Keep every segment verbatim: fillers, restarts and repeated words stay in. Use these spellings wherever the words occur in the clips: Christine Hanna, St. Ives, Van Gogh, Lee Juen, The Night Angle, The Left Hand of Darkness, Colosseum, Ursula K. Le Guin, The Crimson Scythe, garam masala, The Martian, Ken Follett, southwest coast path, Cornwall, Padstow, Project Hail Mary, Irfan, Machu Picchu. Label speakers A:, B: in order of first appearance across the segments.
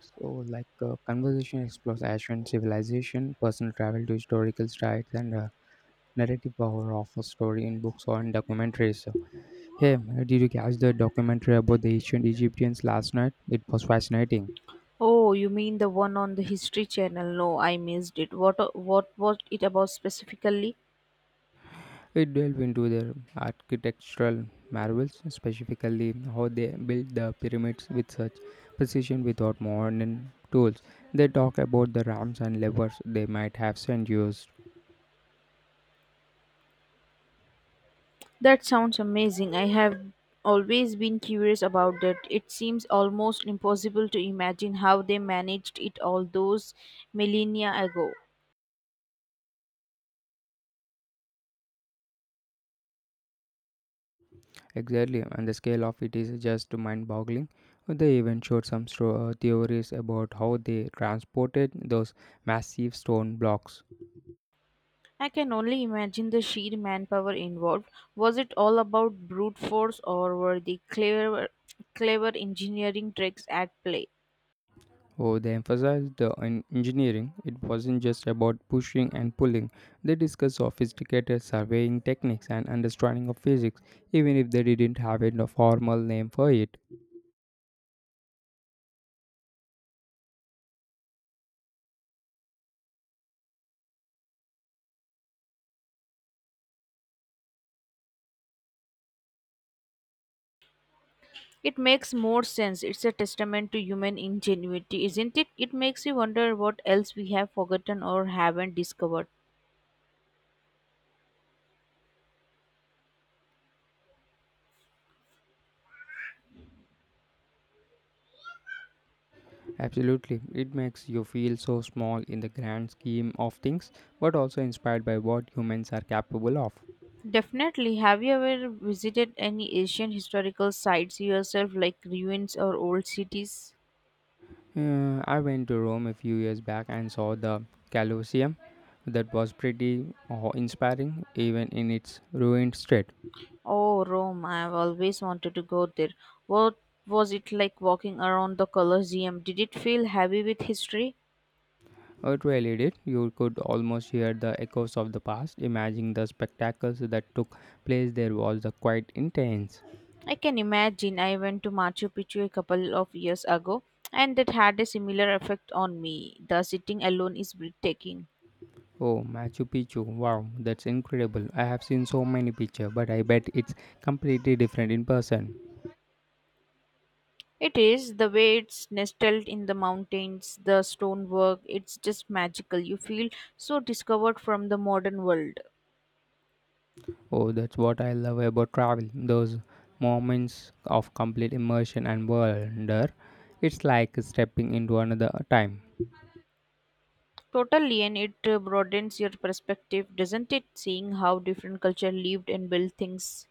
A: So, like uh, conversation explores ancient civilization, personal travel to historical sites, and uh, narrative power of a story in books or in documentaries. So, hey, uh, did you catch the documentary about the ancient Egyptians last night? It was fascinating.
B: Oh, you mean the one on the History Channel? No, I missed it. What uh, what was it about specifically?
A: It delved into their architectural marvels, specifically how they built the pyramids with such precision without modern tools. They talk about the rams and levers they might have sent used.
B: That sounds amazing. I have always been curious about that. It seems almost impossible to imagine how they managed it all those millennia ago.
A: Exactly, and the scale of it is just mind boggling. They even showed some stro- uh, theories about how they transported those massive stone blocks.
B: I can only imagine the sheer manpower involved. Was it all about brute force or were the clever clever engineering tricks at play?
A: Oh, they emphasized the en- engineering. It wasn't just about pushing and pulling. They discussed sophisticated surveying techniques and understanding of physics, even if they didn't have a formal name for it.
B: It makes more sense. It's a testament to human ingenuity, isn't it? It makes you wonder what else we have forgotten or haven't discovered.
A: Absolutely, it makes you feel so small in the grand scheme of things, but also inspired by what humans are capable of.
B: Definitely. Have you ever visited any ancient historical sites yourself, like ruins or old cities?
A: Uh, I went to Rome a few years back and saw the Colosseum. That was pretty awe- inspiring, even in its ruined state.
B: Oh, Rome. I've always wanted to go there. What was it like walking around the Colosseum? Did it feel heavy with history?
A: It really did. You could almost hear the echoes of the past. Imagining the spectacles that took place there was the quite intense.
B: I can imagine I went to Machu Picchu a couple of years ago and that had a similar effect on me. The sitting alone is breathtaking.
A: Oh, Machu Picchu! Wow, that's incredible. I have seen so many pictures, but I bet it's completely different in person.
B: It is the way it's nestled in the mountains, the stonework, it's just magical. You feel so discovered from the modern world.
A: Oh, that's what I love about travel. Those moments of complete immersion and wonder. It's like stepping into another time.
B: Totally, and it uh, broadens your perspective, doesn't it? Seeing how different culture lived and built things.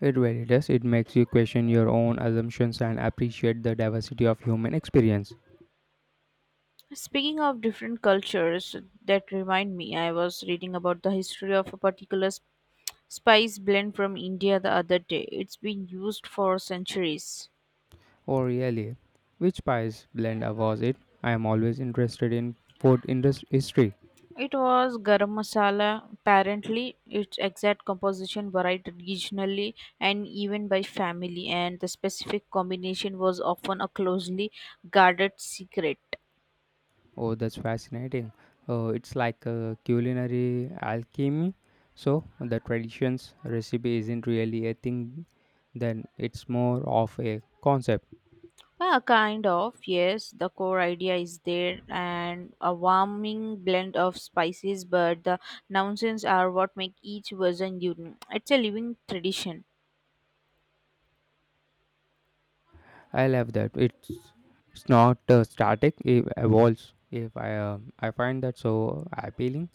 A: It really does. It makes you question your own assumptions and appreciate the diversity of human experience.
B: Speaking of different cultures, that remind me, I was reading about the history of a particular s- spice blend from India the other day. It's been used for centuries.
A: Oh, really? Which spice blend was it? I am always interested in food industry history.
B: It was garam masala. Apparently, its exact composition varied regionally and even by family, and the specific combination was often a closely guarded secret.
A: Oh, that's fascinating. Uh, it's like a culinary alchemy. So, the traditions recipe isn't really a thing, then it's more of a concept.
B: Uh, kind of, yes. The core idea is there and a warming blend of spices, but the nuances are what make each version unique. It's a living tradition.
A: I love that. It's it's not uh, static, it evolves. If I um I find that so appealing,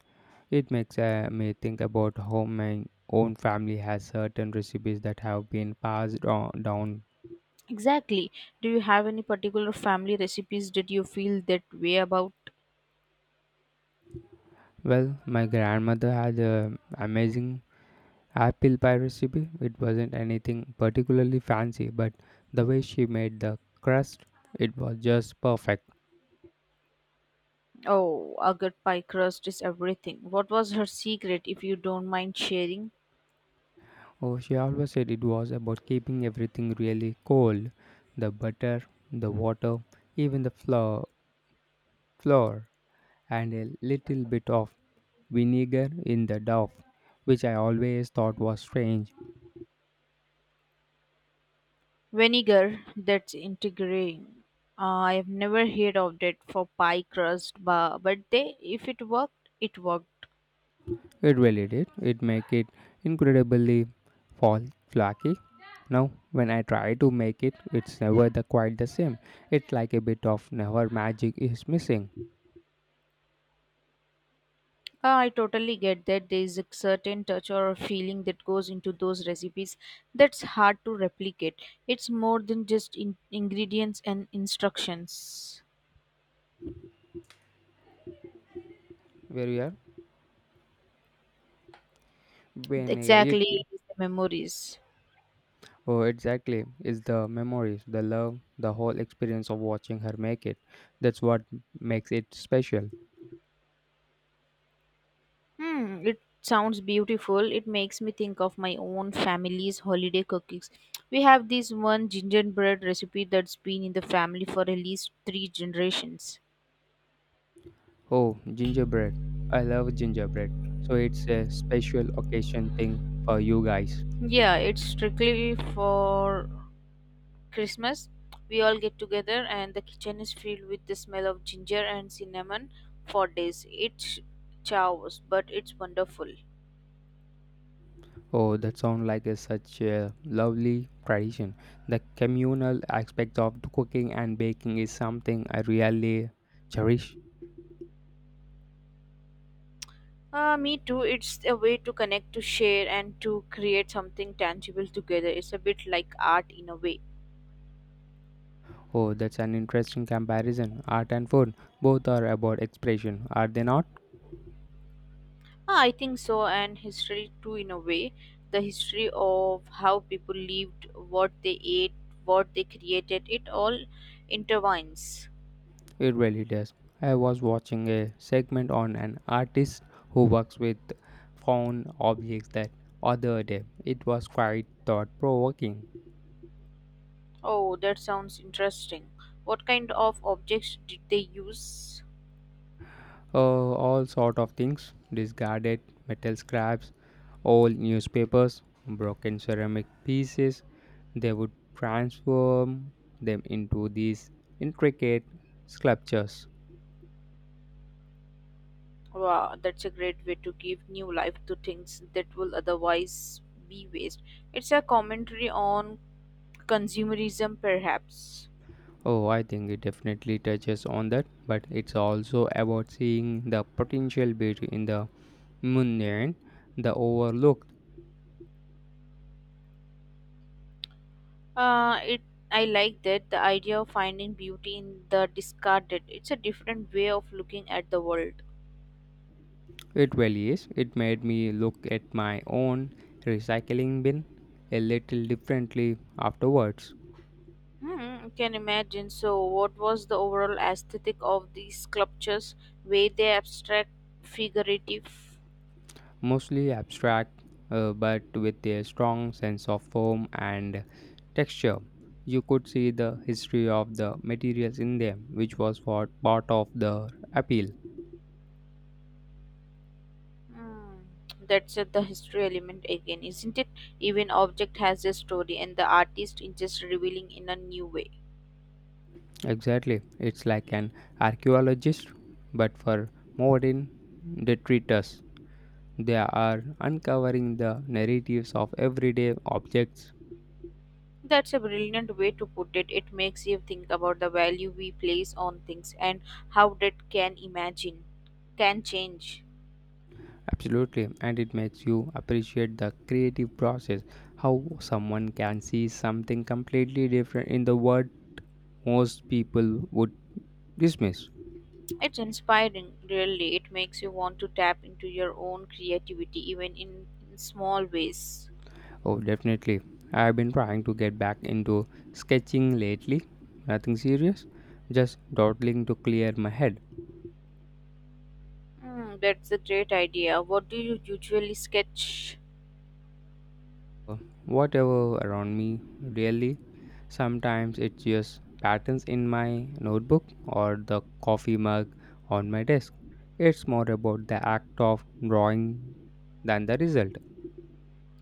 A: it makes uh, me think about how my own family has certain recipes that have been passed on, down.
B: Exactly. Do you have any particular family recipes that you feel that way about?
A: Well, my grandmother had an amazing apple pie recipe. It wasn't anything particularly fancy, but the way she made the crust, it was just perfect.
B: Oh, a good pie crust is everything. What was her secret, if you don't mind sharing?
A: Oh, she always said it was about keeping everything really cold, the butter, the water, even the flour, flour and a little bit of vinegar in the dough, which I always thought was strange.
B: Vinegar, that's integrating. Uh, I've never heard of that for pie crust, but, but they, if it worked, it worked.
A: It really did. It make it incredibly fall flaky. Now, when I try to make it, it's never the quite the same. It's like a bit of never magic is missing.
B: Uh, I totally get that there is a certain touch or feeling that goes into those recipes that's hard to replicate. It's more than just in- ingredients and instructions.
A: Where we are, when uh, it,
B: Exactly, it's the memories.
A: oh, exactly, it's the memories, the love, the whole experience of watching her make it. That's what makes it special.
B: Hmm, it sounds beautiful. It makes me think of my own family's holiday cookies. We have this one gingerbread recipe that's been in the family for at least three generations.
A: Oh, gingerbread! I love gingerbread. So it's a special occasion thing for you guys.
B: Yeah, it's strictly for Christmas, we all get together, and the kitchen is filled with the smell of ginger and cinnamon for days. It's chaos, but it's wonderful.
A: Oh, that sounds like a, such a lovely tradition. The communal aspect of cooking and baking is something I really cherish.
B: Uh, me too. It's a way to connect, to share, and to create something tangible together. It's a bit like art in a way.
A: Oh, that's an interesting comparison. Art and food both are about expression, are they not?
B: Ah, I think so, and history too, in a way. The history of how people lived, what they ate, what they created, it all intertwines.
A: It really does. I was watching a segment on an artist who works with found objects that other day. It was quite thought provoking.
B: Oh, that sounds interesting. What kind of objects did they use?
A: uh, all sort of things discarded, metal scraps, old newspapers, broken ceramic pieces, they would transform them into these intricate sculptures.
B: Wow, that's a great way to give new life to things that will otherwise be waste. It's a commentary on consumerism, perhaps.
A: Oh, I think it definitely touches on that, but it's also about seeing the potential beauty in the mundane, the overlooked.
B: Uh, it I like that, the idea of finding beauty in the discarded. It's a different way of looking at the world.
A: It really is. It made me look at my own recycling bin a little differently afterwards.
B: Hmm, can imagine. So, what was the overall aesthetic of these sculptures? Were they abstract, figurative?
A: Mostly abstract, uh, but with a strong sense of form and texture. You could see the history of the materials in them, which was what part of the appeal.
B: Mm, that's uh, the history element again, isn't it? Even object has a story, and the artist is just revealing in a new way.
A: Exactly, it's like an archaeologist, but for modern detritus. They are uncovering the narratives of everyday objects.
B: That's a brilliant way to put it. It makes you think about the value we place on things and how that can imagine can change.
A: Absolutely, and it makes you appreciate the creative process, how someone can see something completely different in the world most people would dismiss.
B: It's inspiring, really. It makes you want to tap into your own creativity, even in, in small ways.
A: Oh, definitely. I've been trying to get back into sketching lately. Nothing serious, just dawdling to clear my head.
B: Mm, that's a great idea. What do you usually sketch?
A: Whatever around me, really. Sometimes it's just patterns in my notebook or the coffee mug on my desk. It's more about the act of drawing than the result.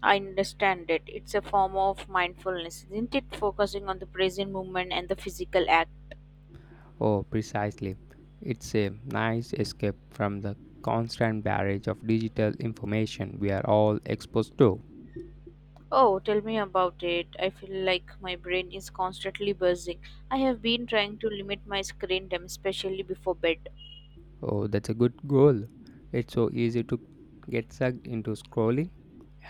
B: I understand it. It's a form of mindfulness, isn't it? Focusing on the present moment and the physical act.
A: Oh, precisely. It's a nice escape from the constant barrage of digital information we are all exposed to.
B: Oh, tell me about it. I feel like my brain is constantly buzzing. I have been trying to limit my screen time, especially before bed.
A: Oh, that's a good goal. It's so easy to get sucked into scrolling.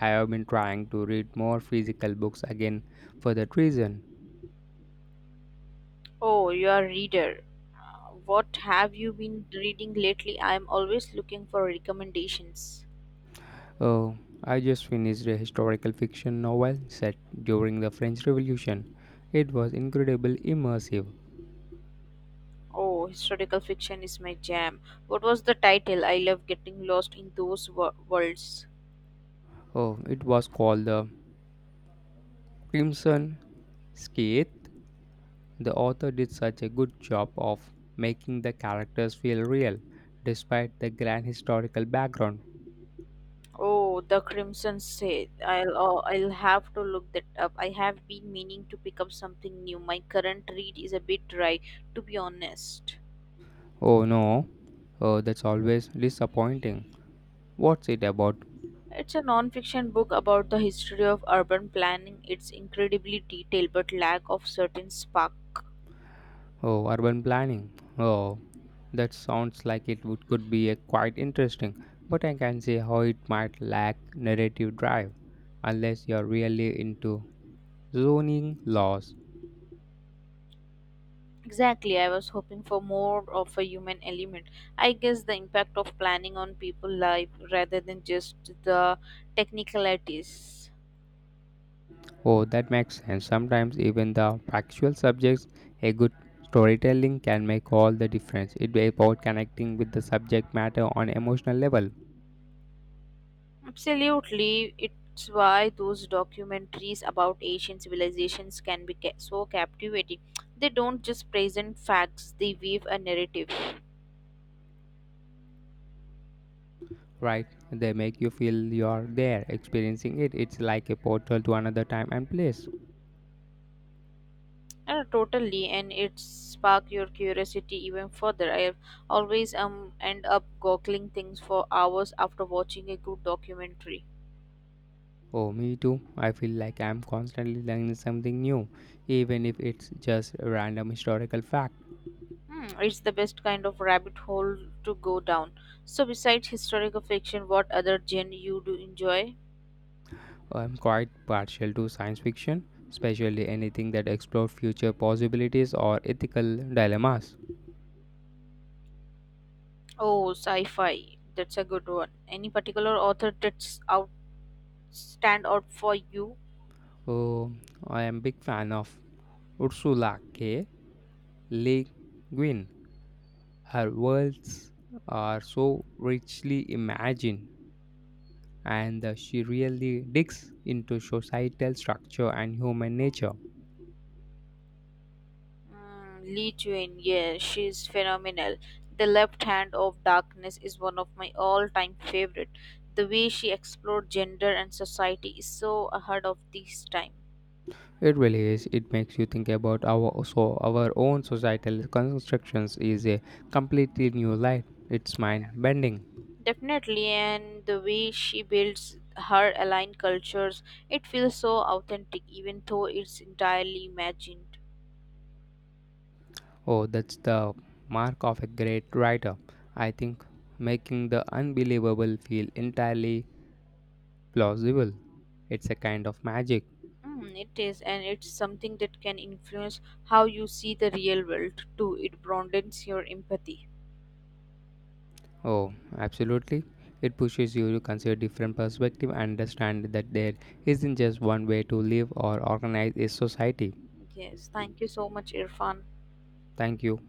A: I have been trying to read more physical books again for that reason.
B: Oh, you are a reader. Uh, What have you been reading lately? I am always looking for recommendations.
A: Oh, I just finished a historical fiction novel set during the French Revolution. It was incredibly immersive.
B: Oh, historical fiction is my jam. What was the title? I love getting lost in those wo- worlds.
A: Oh, it was called The Crimson Scythe. The author did such a good job of making the characters feel real despite the grand historical background.
B: Oh, the Crimson State. I'll oh, I'll have to look that up. I have been meaning to pick up something new. My current read is a bit dry, to be honest.
A: Oh no, oh, that's always disappointing. What's it about?
B: It's a non-fiction book about the history of urban planning. It's incredibly detailed, but lack of certain spark.
A: Oh, urban planning. Oh, that sounds like it would, could be a quite interesting, but I can see how it might lack narrative drive unless you're really into zoning laws.
B: Exactly, I was hoping for more of a human element. I guess the impact of planning on people life rather than just the technicalities.
A: Oh, that makes sense. Sometimes even the factual subjects, a good storytelling can make all the difference. It's about connecting with the subject matter on emotional level.
B: Absolutely, it's why those documentaries about ancient civilizations can be ca- so captivating. They don't just present facts; they weave a narrative.
A: Right? They make you feel you're there, experiencing it. It's like a portal to another time and place.
B: Uh, totally, and it spark your curiosity even further. I have always um end up googling things for hours after watching a good documentary.
A: Oh, me too. I feel like I'm constantly learning something new, even if it's just a random historical fact.
B: Hmm, it's the best kind of rabbit hole to go down. So, besides historical fiction, what other genre you do enjoy?
A: I'm quite partial to science fiction, especially anything that explores future possibilities or ethical dilemmas.
B: Oh, sci-fi. That's a good one. Any particular author that's out stand out for you?
A: Oh, I am big fan of Ursula K. Le Guin. Her worlds are so richly imagined, and uh, she really digs into societal structure and human nature.
B: Mm, Lee Juen, yeah, she's phenomenal. The Left Hand of Darkness is one of my all-time favorite. The way she explored gender and society is so ahead of this time.
A: It really is. It makes you think about our so our own societal constructions is a completely new light. It's mind
B: Yeah.
A: bending.
B: Definitely, and the way she builds her aligned cultures, it feels so authentic, even though it's entirely imagined.
A: Oh, that's the mark of a great writer, I think, making the unbelievable feel entirely plausible. It's a kind of magic.
B: Mm, it is, and it's something that can influence how you see the real world too. It broadens your empathy.
A: Oh, absolutely. It pushes you to consider different perspectives and understand that there isn't just one way to live or organize a society.
B: Yes, thank you so much, Irfan.
A: Thank you.